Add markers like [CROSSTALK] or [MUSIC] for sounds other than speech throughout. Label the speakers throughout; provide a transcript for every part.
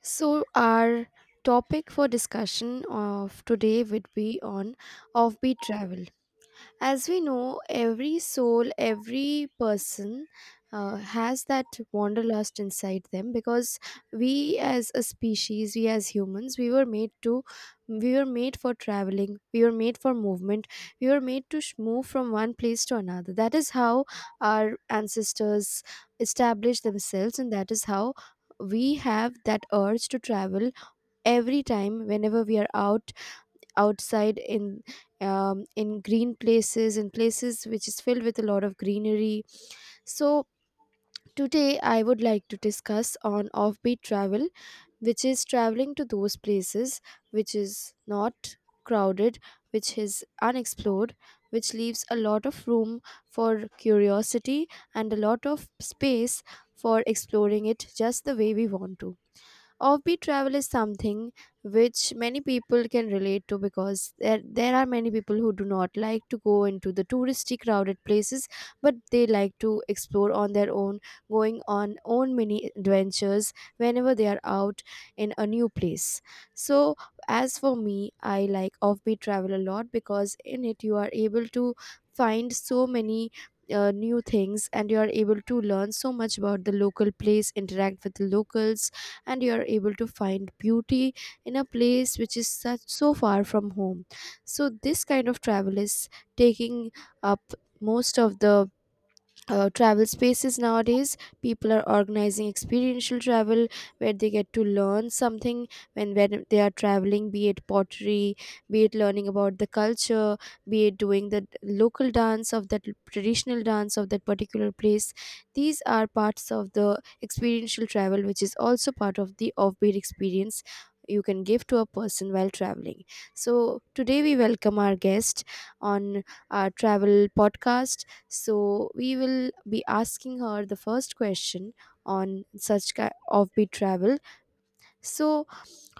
Speaker 1: So, our topic for discussion of today would be on offbeat travel. As we know, every soul, every person has that wanderlust inside them, because we as a species, we as humans, we were made for traveling, we were made for movement, we were made to move from one place to another. That is how our ancestors established themselves, and that is how we have that urge to travel every time whenever we are out outside in green places, in places which is filled with a lot of greenery. So today I would like to discuss on offbeat travel, which is traveling to those places which is not crowded, which is unexplored, which leaves a lot of room for curiosity and a lot of space for exploring it just the way we want to. Offbeat travel is something which many people can relate to, because there are many people who do not like to go into the touristy crowded places, but they like to explore on their own, going on own mini adventures whenever they are out in a new place. So as for me, I like offbeat travel a lot, because in it you are able to find so many new things, and you are able to learn so much about the local place, interact with the locals, and you are able to find beauty in a place which is so far from home. So this kind of travel is taking up most of the travel spaces nowadays. People are organizing experiential travel where they get to learn something when they are traveling, be it pottery, be it learning about the culture, be it doing the local dance of that, traditional dance of that particular place. These are parts of the experiential travel, which is also part of the offbeat experience you can give to a person while traveling. So today we welcome our guest on our travel podcast, so we will be asking her the first question on
Speaker 2: Thank
Speaker 1: such
Speaker 2: you.
Speaker 1: offbeat travel. So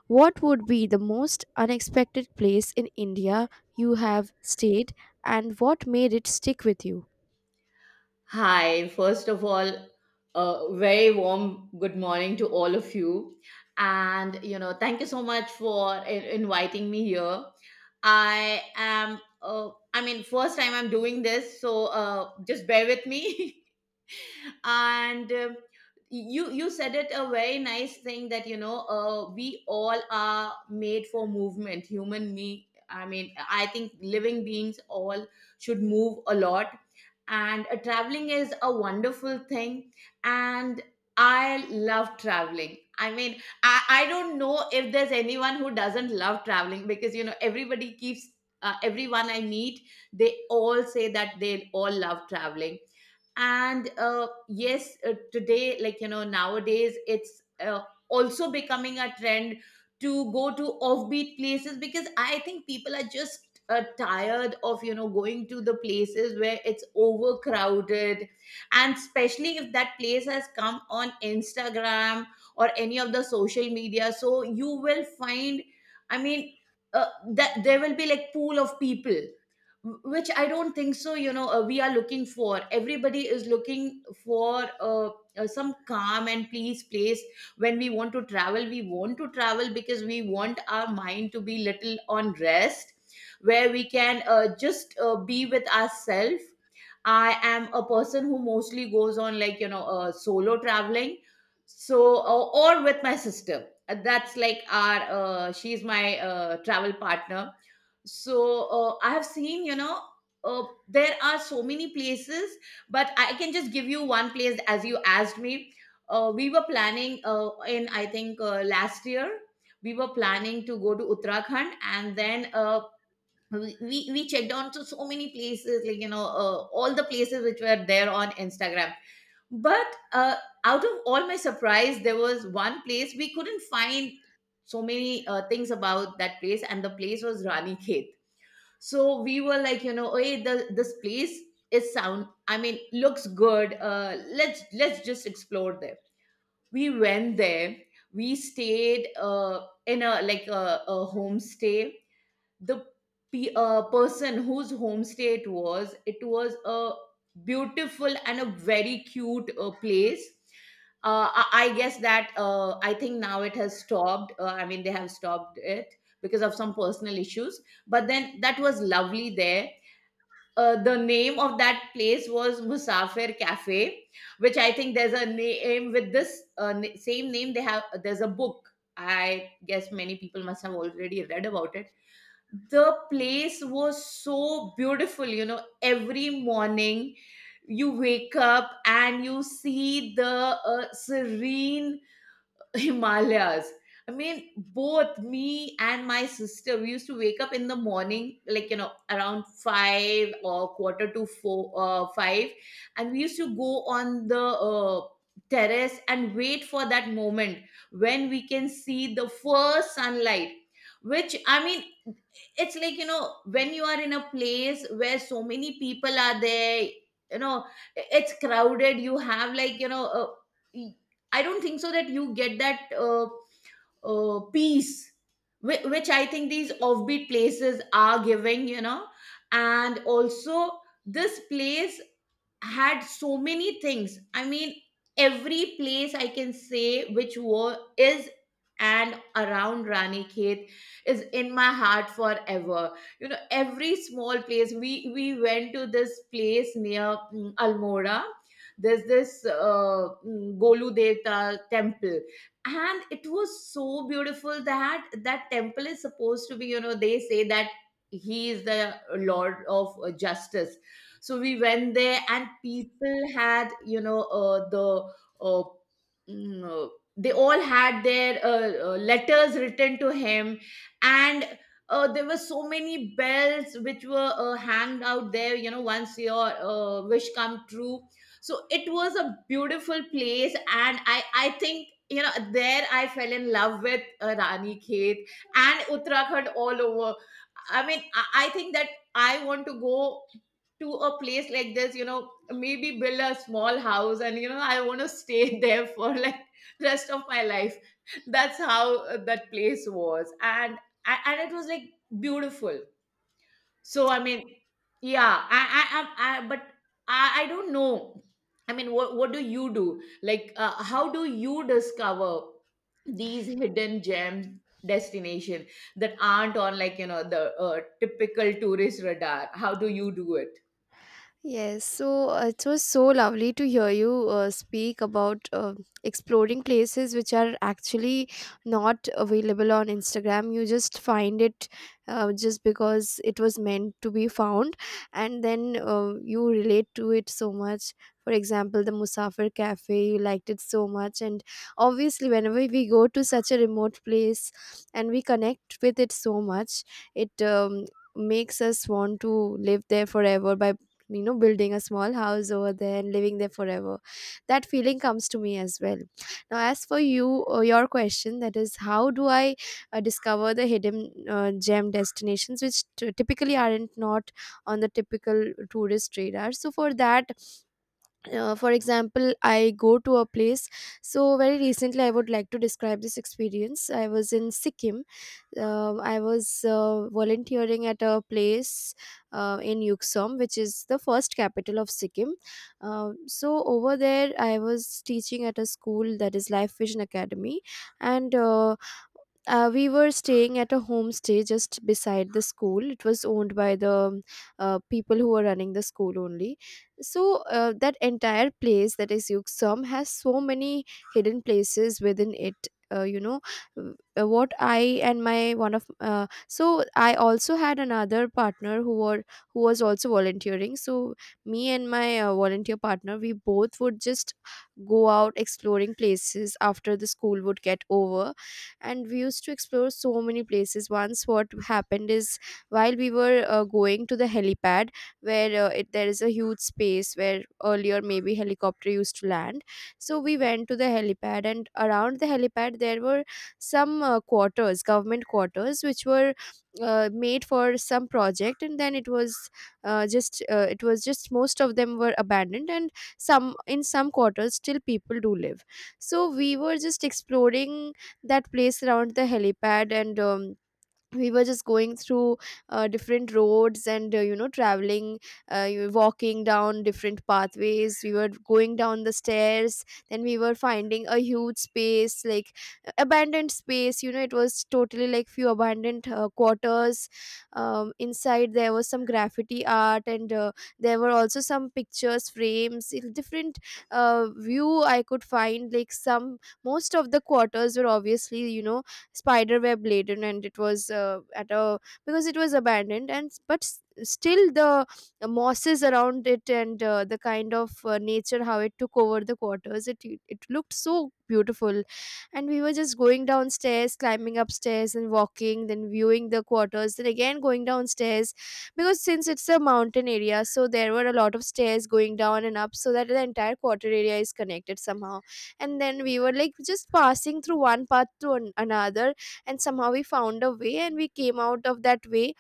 Speaker 1: what would be the most unexpected place in India you have stayed, and what made it stick with you?
Speaker 2: Hi, first of all, a very warm good morning to all of you. And, you know, thank you so much for inviting me here. I am, I mean, first time I'm doing this, so just bear with me. [LAUGHS] and You said it a very nice thing that you know we all are made for movement human me I mean I think living beings all should move a lot. And traveling is a wonderful thing and I love traveling. I don't know if there's anyone who doesn't love traveling, because you know everybody keeps everyone I meet, they all say that they all love traveling. And yes, today, like you know, nowadays it's also becoming a trend to go to offbeat places, because I think people are just tired of you know going to the places where it's overcrowded. And especially if that place has come on instagram or any of the social media, so you will find, I mean, that there will be like pool of people, which I don't think so. You know, we are looking for. Everybody is looking for some calm and peace place when we want to travel. We want to travel because we want our mind to be little on rest, where we can just be with ourselves. I am a person who mostly goes on, like you know, solo traveling, so or with my sister. That's like our she's my travel partner. So I have seen, you know, there are so many places, but I can just give you one place as you asked me. We were planning, in I think last year we were planning to go to uttarakhand. And then we checked on to so many places, like you know, all the places which were there on instagram. But uh, out of all my surprise, there was one place we couldn't find so many things about, that place. And the place was rani Khet. So we were like, you know, hey, this place is sound I mean looks good. Let's just explore there. We went there. We stayed in a like a homestay. The person whose homestay it was, it was a beautiful and a very cute place. I guess that I think now it has stopped. I mean, they have stopped it because of some personal issues, but then that was lovely there. The name of that place was Musafir Cafe, which I think there's a name with this same name. They have, there's a book. I guess many people must have already read about it. The place was so beautiful, you know. Every morning you wake up and you see the serene [LAUGHS] himalayas. I mean, both me and my sister, we used to wake up in the morning like you know around 5 or quarter to 4, 5, and we used to go on the terrace and wait for that moment when we can see the first sunlight. Which, I mean, it's like you know when you are in a place where so many people are there, you know, it's crowded, you have like you know, y- I don't think so that you get that peace which, I think these offbeat places are giving, you know. And also this place had so many things. I mean, every place I can say which war is and around Ranikhet is in my heart forever. You know, every small place. We went to this place near Almora. There's this Golu Devta temple. And it was so beautiful that that temple is supposed to be, you know, they say that he is the Lord of Justice. So we went there and people had, you know, uh, mm, uh, they all had their letters written to him. And there were so many bells which were hanged out there, you know, once your wish come true. So it was a beautiful place. And I think, you know, there I fell in love with rani khet and uttarakhand all over. I think that I want to go to a place like this, you know, maybe build a small house, and you know, I want to stay [LAUGHS] there for like rest of my life. That's how that place was. And it was like beautiful. So I mean, yeah, I but I don't know. I mean, what do you do, like how do you discover these hidden gems destination that aren't on like you know the typical tourist radar? How do you do it?
Speaker 1: Yes, so it was so lovely to hear you speak about exploring places which are actually not available on Instagram. You just find it just because it was meant to be found, and then you relate to it so much. For example, the Musafir Cafe, you liked it so much, and obviously, whenever we go to such a remote place and we connect with it so much, it makes us want to live there forever by you know building a small house over there and living there forever. That feeling comes to me as well. Now as for you, your question, that is how do I discover the hidden gem destinations which typically aren't not on the typical tourist radar. So for that, for example, I go to a place. So very recently I would like to describe this experience. I was in Sikkim. I was volunteering at a place in Yuksom, which is the first capital of Sikkim. uh, so over there I was teaching at a school, that is Life Vision Academy. And we were staying at a homestay just beside the school. It was owned by the people who were running the school only. So that entire place, that is Yuksam, has so many hidden places within it, you know, what I and my one of so I also had another partner who was also volunteering. So me and my volunteer partner, we both would just go out exploring places after the school would get over, and we used to explore so many places. Once what happened is, while we were going to the helipad, where there is a huge space where earlier maybe helicopter used to land. So we went to the helipad, and around the helipad there were some quarters, government quarters, which were made for some project, and then it was just it was just, most of them were abandoned, and some, in some quarters still people do live. So we were just exploring that place around the helipad, and we were just going through different roads and you know traveling, walking down different pathways. We were going down the stairs, then we were finding a huge space like abandoned space, you know it was totally like few abandoned quarters. Inside there was some graffiti art, and there were also some pictures frames in different view. I could find like some, most of the quarters were obviously you know spider web laden, and it was at a because it was abandoned, and still the mosses around it, and the kind of nature, how it took over the quarters, it looked so beautiful. And we were just going downstairs, climbing upstairs and walking, then viewing the quarters, then again going downstairs, because since it's a mountain area, so there were a lot of stairs going down and up, so that the entire quarter area is connected somehow. And then we were like just passing through one path to another, and somehow we found a way, and we came out of that way.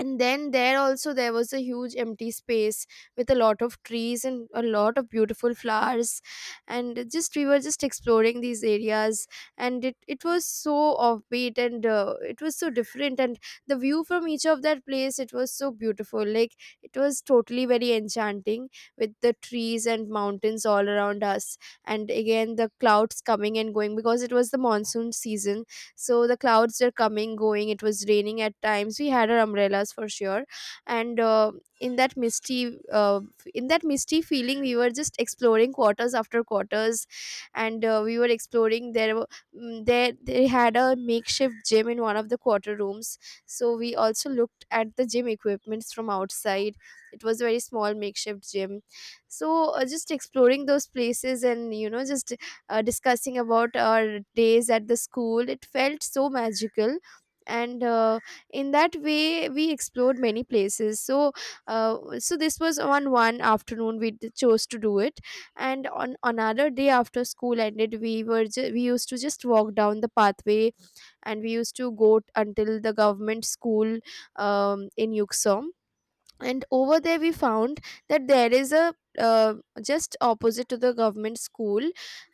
Speaker 1: And then there also there was a huge empty space with a lot of trees and a lot of beautiful flowers, and just we were just exploring these areas. And it was so offbeat, and it was so different, and the view from each of that place, it was so beautiful, like it was totally very enchanting, with the trees and mountains all around us, and again the clouds coming and going, because it was the monsoon season. So the clouds were coming going, it was raining at times, we had our umbrellas for sure. And in that misty uh, in that misty feeling, we were just exploring quarters after quarters. And we were exploring, there they had a makeshift gym in one of the quarter rooms, so we also looked at the gym equipments from outside. It was a very small makeshift gym. So just exploring those places and you know just discussing about our days at the school, it felt so magical. And in that way, we explored many places. So, so this was on one afternoon we chose to do it. And on another day, after school ended, we were we used to just walk down the pathway, and we used to go until the government school in Yuksong, and over there we found that there is a uh, just opposite to the government school,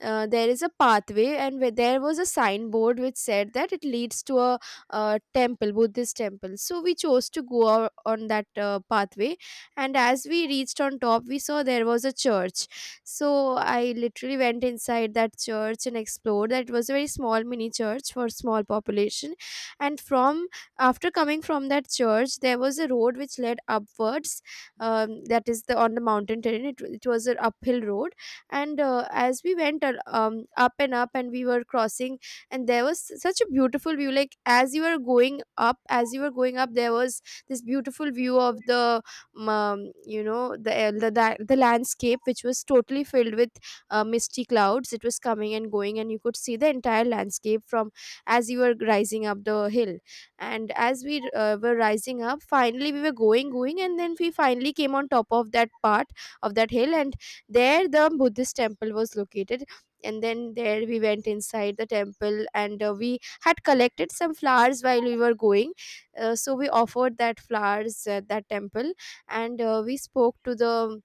Speaker 1: there is a pathway, and where there was a signboard which said that it leads to a temple Buddhist temple. So we chose to go on that pathway. And as we reached on top, we saw there was a church. So I literally went inside that church and explored that. It was a very small mini church for small population. And from after coming from that church, there was a road which led upwards, that is the on the mountain terrain, it was an uphill road. And as we went up and up, and we were crossing, and there was such a beautiful view, like as you were going up, as you were going up, there was this beautiful view of the you know the landscape, which was totally filled with misty clouds. It was coming and going, and you could see the entire landscape from as you were rising up the hill. And as we were rising up, finally we were going, and then we finally came on top of that part of that hill, and there the Buddhist temple was located. And then there we went inside the temple, and we had collected some flowers while we were going, so we offered that flowers at that temple. And we spoke to the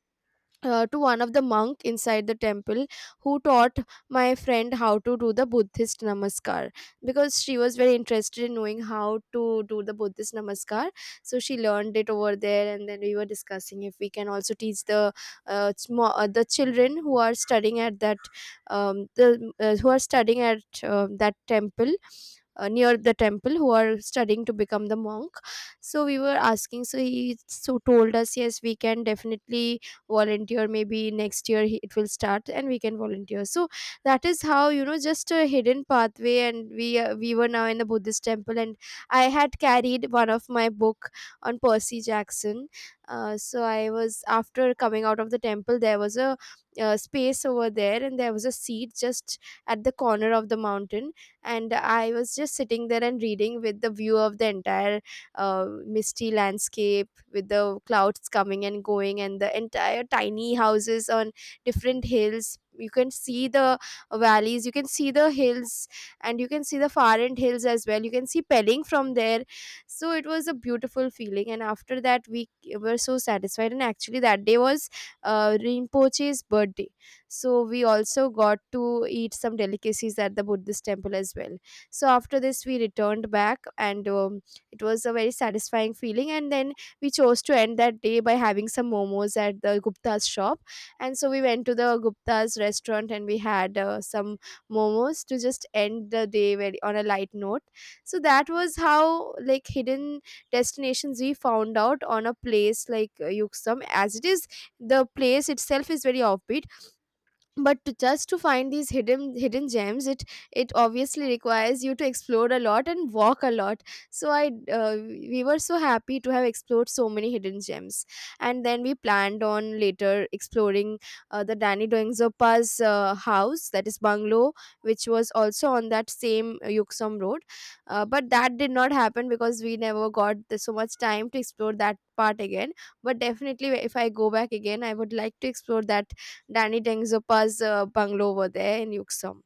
Speaker 1: to one of the monk inside the temple, who taught my friend how to do the Buddhist namaskar, because she was very interested in knowing how to do the Buddhist namaskar. So she learned it over there, and then we were discussing if we can also teach the the children who are studying at that the who are studying at that temple, near the temple, who are studying to become the monk. So we were asking, so he so told us yes, we can definitely volunteer maybe next year, he- it will start and we can volunteer. So that is how, you know, just a hidden pathway. And we were now in the Buddhist temple, and I had carried one of my book on Percy Jackson. So I was, after coming out of the temple, there was a space over there, and there was a seat just at the corner of the mountain, and I was just sitting there and reading with the view of the entire misty landscape with the clouds coming and going, and the entire tiny houses on different hills. You can see the valleys, you can see the hills, and you can see the far end hills as well. You can see Pelling from there. So it was a beautiful feeling, and after that we were so satisfied. And actually that day was Rinpoche's birthday, so we also got to eat some delicacies at the Buddhist temple as well. So after this we returned back, and it was a very satisfying feeling, and then we chose to end that day by having some momos at the Gupta's shop. And so we went to the Gupta's restaurant and we had some momos to just end the day, very, on a light note. So that was how, like, hidden destinations we found out on a place like Yuksum. As it is, the place itself is very offbeat, but to just to find these hidden gems, it obviously requires you to explore a lot and walk a lot. So i uh, we were so happy to have explored so many hidden gems, and then we planned on later exploring the Danny Doingzopa's house, that is bungalow, which was also on that same Yuksom road. Uh, but that did not happen because we never got the, so much time to explore that part again. But definitely if I go back again, I would like to explore that Danny Dengzopa's bungalow over there in Yuksum.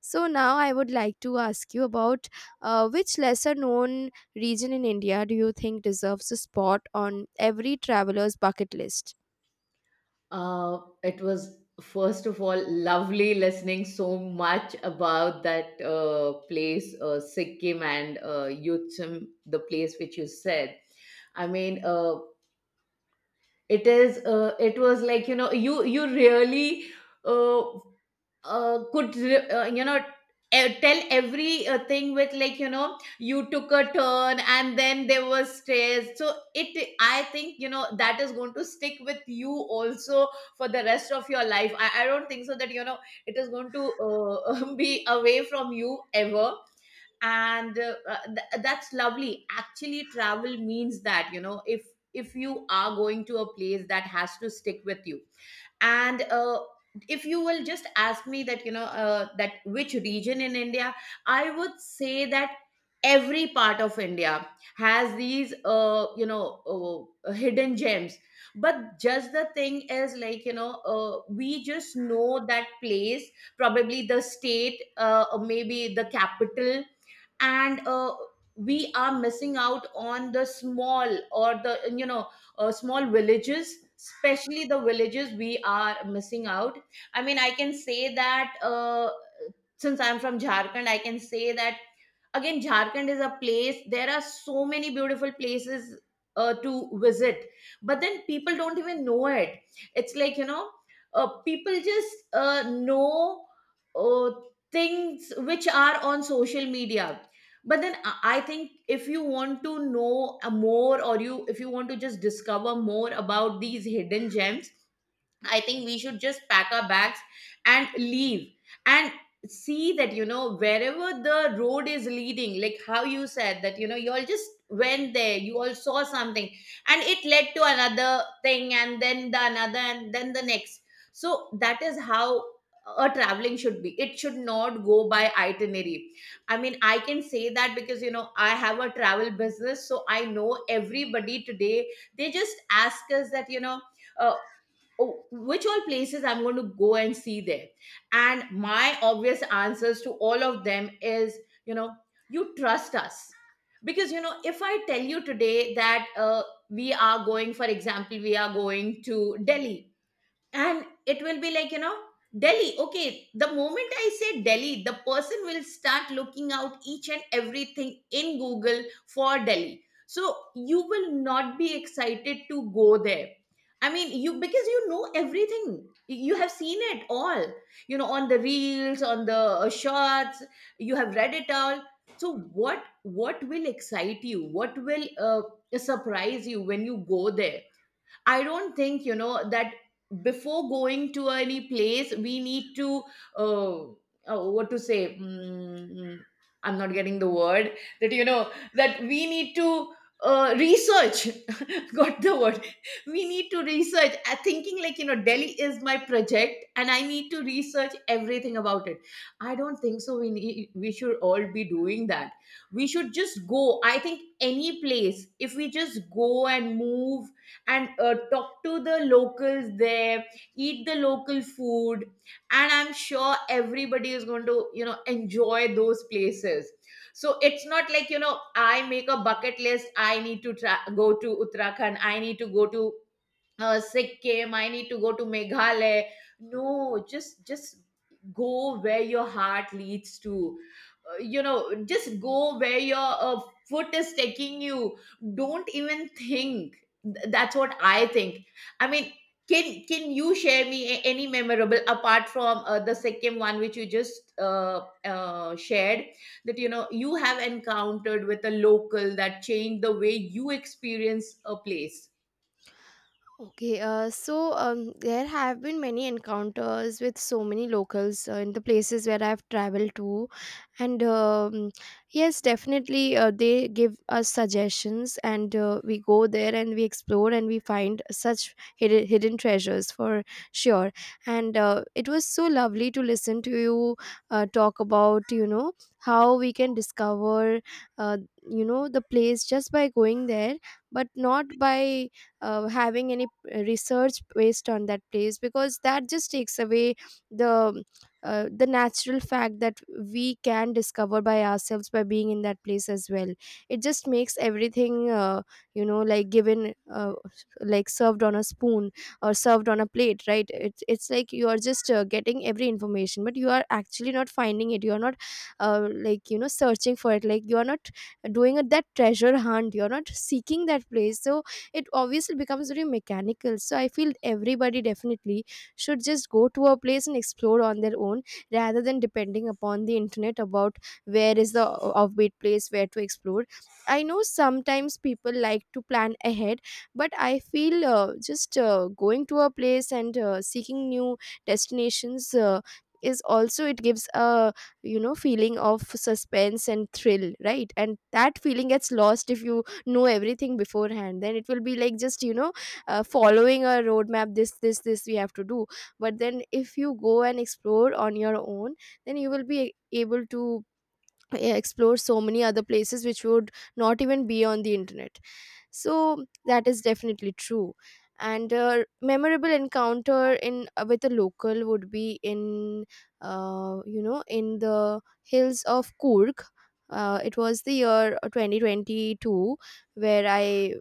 Speaker 1: So now I would like to ask you about which lesser known region in India do you think deserves a spot on every traveler's bucket list?
Speaker 2: It was first of all lovely listening so much about that place, Sikkim and Yutsum, the place which you said. I mean, it was like you know you really uh, you know tell every thing with like, you know, you took a turn and then there was stairs. So it I think, you know, that is going to stick with you also for the rest of your life. I don't think so that, you know, it is going to [LAUGHS] be away from you ever. And that's lovely. Actually, travel means that, you know, if you are going to a place, that has to stick with you. And if you will just ask me that, you know, that which region in india, I would say that every part of india has these you know hidden gems. But just the thing is, like you know, we just know that place, probably the state or maybe the capital. And we are missing out on the small or the, you know, small villages. Especially the villages, we are missing out. I mean, I can say that since I'm from Jharkhand, I can say that, again, Jharkhand is a place, there are so many beautiful places to visit, but then people don't even know it. It's like, you know, people just know uh, things which are on social media. But then I think, if you want to know more, or you, if you want to just discover more about these hidden gems, I think we should just pack our bags and leave and see that, you know, wherever the road is leading, like how you said that, you know, you all just went there, you all saw something, and it led to another thing, and then the another, and then the next. So that is how a traveling should be. It should not go by itinerary. I mean, I can say that because, you know, I have a travel business. So I know everybody today, they just ask us that, you know, uh, oh, which all places I'm going to go and see there. And my obvious answers to all of them is, you know, you trust us. Because, you know, if I tell you today that we are going, for example, we are going to Delhi, and it will be like, you know, Delhi, okay, the moment I say Delhi, the person will start looking out each and everything in google for Delhi. So you will not be excited to go there. I mean, you, because you know everything, you have seen it all, you know, on the reels, on the shots, you have read it all. So what will excite you? What will surprise you when you go there? I don't think, you know, that before going to any place, we need to, uh, what to say? I'm not getting the word that, you know, that we need to research. [LAUGHS] Got the word. We need to research. I thinking, like you know, Delhi is my project and I need to research everything about it. I don't think so we need, we should all be doing that. We should just go. I think any place, if we just go and move and talk to the locals there, eat the local food, and I'm sure everybody is going to, you know, enjoy those places. So it's not like, you know, I make a bucket list, I need to go to uttarakhand, I need to go to Sikkim, I need to go to Meghalaya. No, just go where your heart leads to. You know, just go where your foot is taking you. Don't even think. That's what I think. I mean, can you share me any memorable, apart from the Sikkim one which you just shared, that you know you have encountered with a local that changed the way you experience a place?
Speaker 1: Okay, there have been many encounters with so many locals in the places where I've traveled to, and yes, definitely they give us suggestions, and we go there and we explore and we find such hidden treasures for sure. And it was so lovely to listen to you talk about, you know, how we can discover uh, you know, the place just by going there, but not by having any research based on that place, because that just takes away the the natural fact that we can discover by ourselves by being in that place as well. It just makes everything you know, like given like served on a spoon, or served on a plate, right? It's like you are just getting every information, but you are actually not finding it. You are not like, you know, searching for it. Like, you are not doing a, that treasure hunt. You are not seeking that place. So it obviously becomes very mechanical. So I feel everybody definitely should just go to a place and explore on their own, rather than depending upon the internet about where is the offbeat place, where to explore. I know sometimes people like to plan ahead, but I feel just going to a place and seeking new destinations is also, it gives a, you know, feeling of suspense and thrill, right? And that feeling gets lost if you know everything beforehand. Then it will be like, just, you know, following a roadmap, this we have to do. But then if you go and explore on your own, then you will be able to explore so many other places which would not even be on the internet. So that is definitely true. And a memorable encounter in with a local would be in you know, in the hills of Kurg. Uh, it was the year 2022, where I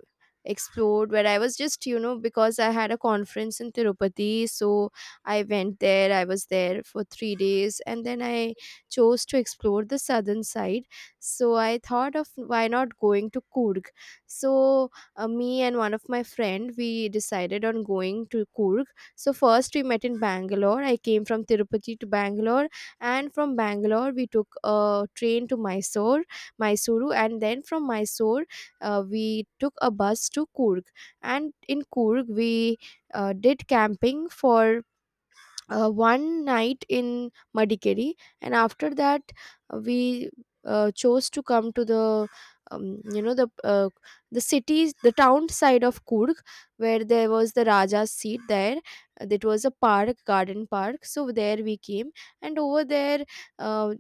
Speaker 1: explored, where I was just, you know, because I had a conference in Tirupati. So I went there, I was there for 3 days, and then I chose to explore the southern side. So I thought of, why not going to Kurg? So me and one of my friend, we decided on going to Kurg. So first we met in Bangalore. I came from Tirupati to Bangalore, and from Bangalore we took a train to Mysore, Mysuru, and then from Mysore we took a bus to Coorg, and in Coorg we did camping for one night in Madikeri, and after that we chose to come to the you know, the cities, the town side of Kurg, where there was the Raja's seat. There, uh, that was a park, garden park. So there we came, and over there. Uh,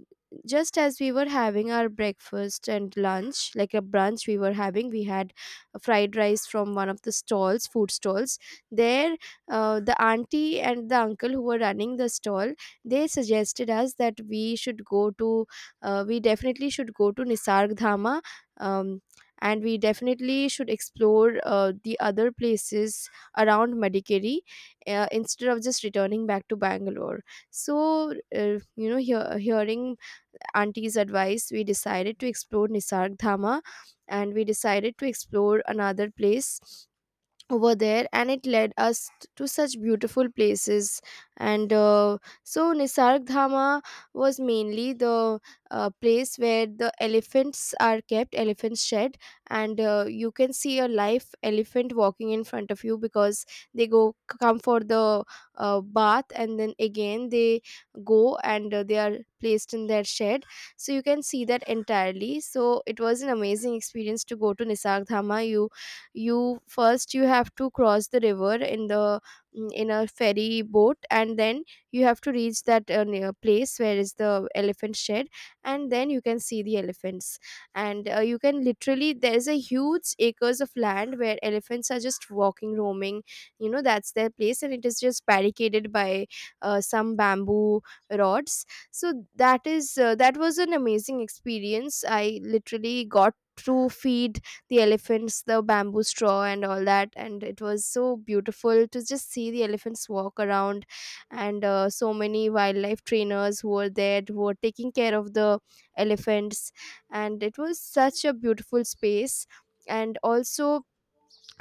Speaker 1: just as we were having our breakfast and lunch, like a brunch, we were having, we had fried rice from one of the stalls, food stalls there. Uh, the auntie and the uncle who were running the stall, they suggested us that we should go to, we definitely should go to Nisarg Dhama, um, and we definitely should explore the other places around Madikeri instead of just returning back to Bangalore. So, you know, hearing auntie's advice, we decided to explore Nisarg Dhama, and we decided to explore another place over there, and it led us t- to such beautiful places. And so Nisarg Dhama was mainly the place where the elephants are kept, elephant shed. And you can see a live elephant walking in front of you, because they go, come for the bath, and then again they go and they are placed in their shed. So you can see that entirely. So it was an amazing experience to go to Nisarg Dhama. You first, you have to cross the river in the in a ferry boat, and then you have to reach that near place where is the elephant shed, and then you can see the elephants. And you can literally, there's a huge acres of land where elephants are just walking, roaming, you know, that's their place. And it is just barricaded by some bamboo rods. So that is that was an amazing experience. I literally got to feed the elephants the bamboo straw and all that. And it was so beautiful to just see the elephants walk around, and so many wildlife trainers who were there who were taking care of the elephants. And it was such a beautiful space. And also,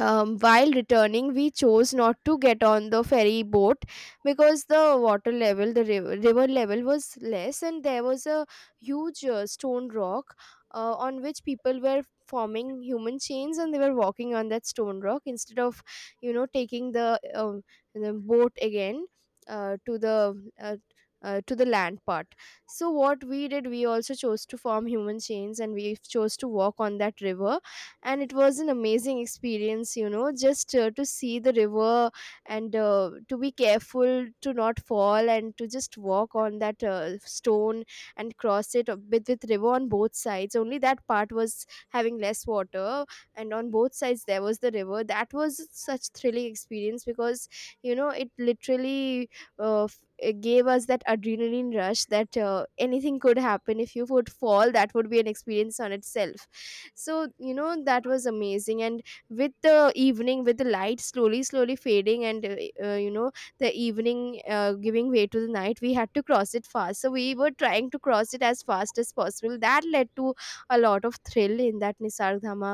Speaker 1: while returning, we chose not to get on the ferry boat, because the water level, the river, river level was less, and there was a huge stone rock on which people were forming human chains, and they were walking on that stone rock instead of, you know, taking the boat again to the. To the land part. So what we did, we also chose to form human chains, and we chose to walk on that river. And it was an amazing experience, you know, just to see the river, and to be careful to not fall, and to just walk on that stone and cross it with river on both sides. Only that part was having less water, and on both sides there was the river. That was such thrilling experience, because, you know, it literally it gave us that adrenaline rush, that anything could happen. If you would fall, that would be an experience on itself. So, you know, that was amazing. And with the evening, with the light slowly slowly fading, and you know, the evening giving way to the night, we had to cross it fast. So we were trying to cross it as fast as possible. That led to a lot of thrill in that Nisarg Dhama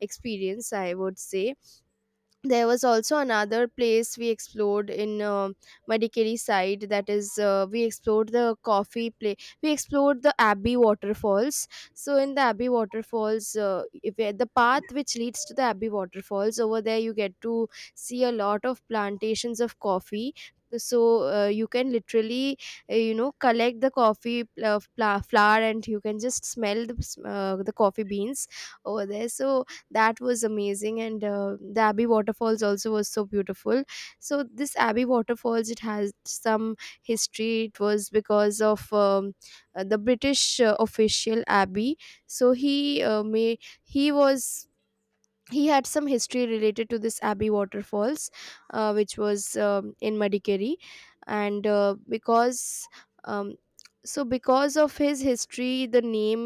Speaker 1: experience, I would say. There was also another place we explored in Madikeri side, that is we explored the coffee play, we explored the Abbey Waterfalls. So in the Abbey Waterfalls, if you- the path which leads to the Abbey Waterfalls, over there you get to see a lot of plantations of coffee. So you can literally you know, collect the coffee flower, and you can just smell the, the coffee beans over there. So that was amazing. And the Abbey Waterfalls also was so beautiful. So this Abbey Waterfalls, it has some history. It was because of the British official Abbey. So he may, he was, he had some history related to this Abbey Waterfalls which was in Madikeri. And because um, so because of his history, the name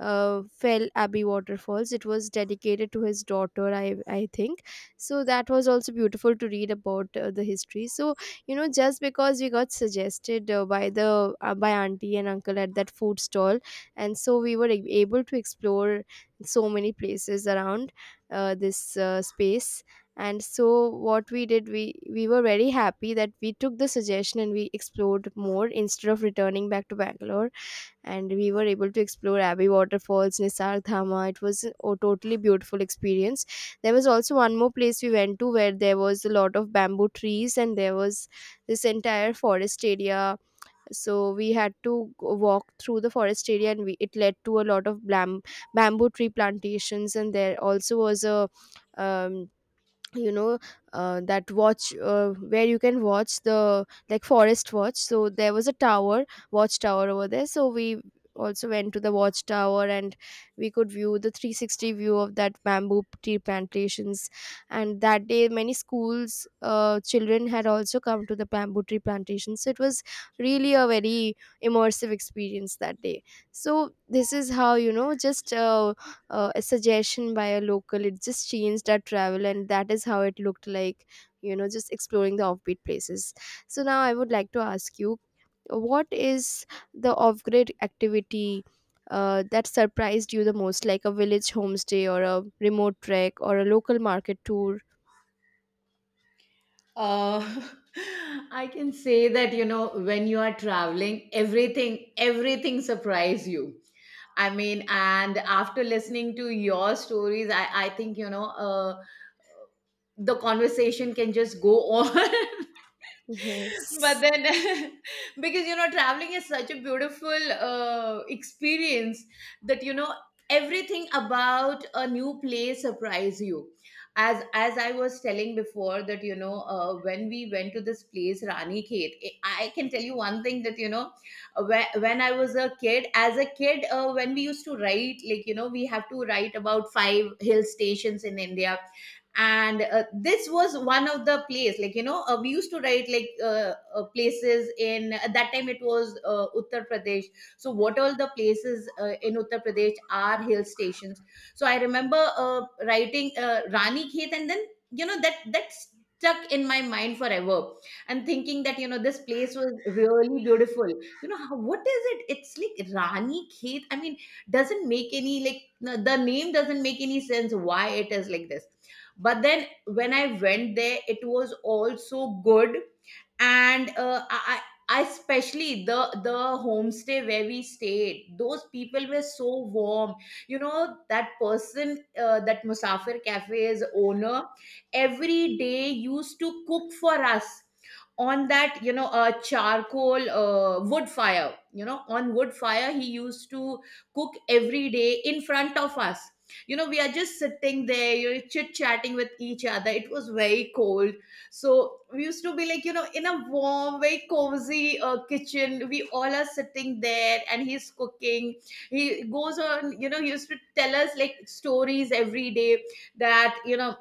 Speaker 1: fell Abbey Waterfalls, it was dedicated to his daughter, I think. So that was also beautiful to read about the history. So, you know, just because we got suggested by the by auntie and uncle at that food stall, and so we were able to explore so many places around this space. And so what we did, we were very happy that we took the suggestion and we explored more instead of returning back to Bangalore. And we were able to explore Abbey Waterfalls, Nisarg Dhama. It was a totally beautiful experience. There was also one more place we went to where there was a lot of bamboo trees, and there was this entire forest area. So we had to walk through the forest area, and we, it led to a lot of bamboo tree plantations. And there also was a um, you know, that watch, where you can watch the, like, forest watch. So there was a tower, watchtower over there. So we also went to the watchtower, and we could view the 360 view of that bamboo tea plantations. And that day many schools children had also come to the bamboo tree plantations. So it was really a very immersive experience that day. So this is how, you know, just a suggestion by a local, it just changed our travel, and that is how it looked like, you know, just exploring the offbeat places. So now I would like to ask you, what is the off-grid activity that surprised you the most, like a village homestay, or a remote trek, or a local market tour?
Speaker 2: Uh, [LAUGHS] I can say that you know when you are traveling, everything surprise you. I mean, and after listening to your stories, I think, you know, the conversation can just go on. [LAUGHS] But
Speaker 1: Yes,
Speaker 2: then, [LAUGHS] because, you know, traveling is such a beautiful experience that, you know, everything about a new place surprise you. As I was telling before, that, you know, when we went to this place, Rani Khet, I can tell you one thing that, you know, when I was a kid, as a kid, when we used to write, like, you know, we have to write about five hill stations in India, and this was one of the place, like, you know, we used to write, like, places in, at that time it was Uttar Pradesh. So what all the places in Uttar Pradesh are hill stations. So I remember writing Rani Khet, and then, you know, that stuck in my mind forever, and thinking that, you know, this place was really beautiful. You know how, what is it, it's like Rani Khet, I mean, doesn't make any, like, the name doesn't make any sense, why it is like this. But then when I went there, it was also good. And I especially, the homestay where we stayed, those people were so warm. You know, that person, that Musafir Cafe's owner, every day used to cook for us on that, you know, a charcoal wood fire. You know, on wood fire he used to cook every day in front of us. You know, we are just sitting there, you're chit chatting with each other, it was very cold. So we used to be like, you know, in a warm, very cozy kitchen. We all are sitting there and he's cooking. He goes on, you know, he used to tell us like stories every day that, you know,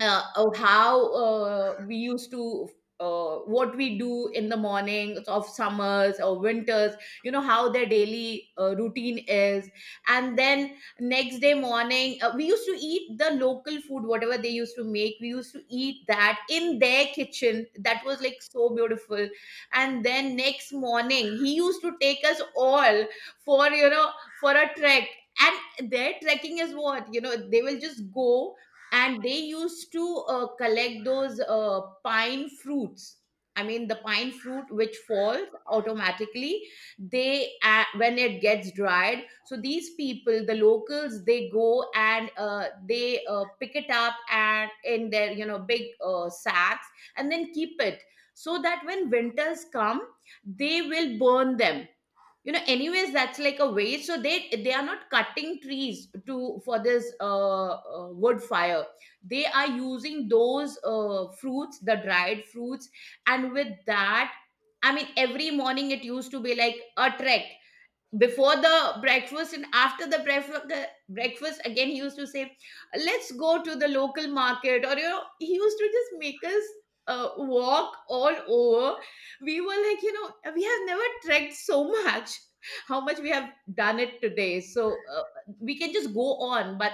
Speaker 2: of how we used to, what we do in the mornings of summers or winters. You know how their daily routine is. And then next day morning, we used to eat the local food, whatever they used to make, we used to eat that in their kitchen. That was like so beautiful. And then next morning he used to take us all for, you know, for a trek. And their trekking is what, you know, they will just go, and they used to collect those pine fruits. I mean the pine fruit which falls automatically, they, when it gets dried, so these people, the locals, they go and they pick it up, and in their, you know, big sacks, and then keep it, so that when winters come they will burn them. You know, anyways that's like a waste, so they are not cutting trees to, for this wood fire, they are using those fruits, the dried fruits. And with that, I mean every morning it used to be like a trek before the breakfast, and after the breakfast, breakfast again he used to say, let's go to the local market, or, you know, he used to just make us walk all over. We were like, you know, we have never trekked so much. [LAUGHS] How much we have done it today! So we can just go on, but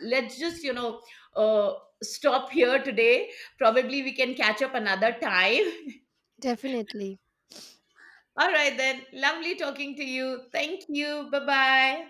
Speaker 2: let's just, you know, uh, stop here today, probably we can catch up another time.
Speaker 1: definitely.
Speaker 2: [LAUGHS] All right then, lovely talking to you, thank you, bye bye.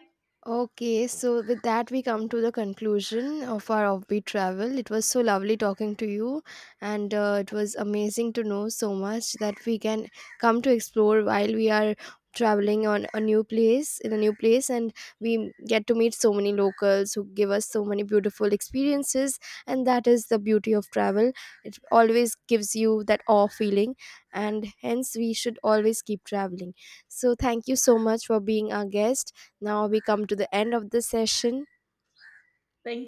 Speaker 1: Okay, so with that, we come to the conclusion of our offbeat travel. It was so lovely talking to you, and it was amazing to know so much that we can come to explore while we are traveling on a new place, in a new place. And we get to meet so many locals who give us so many beautiful experiences, and that is the beauty of travel. It always gives you that awe feeling, and hence we should always keep traveling. So thank you so much for being our guest. Now we come to the end of the session.
Speaker 2: Thank you.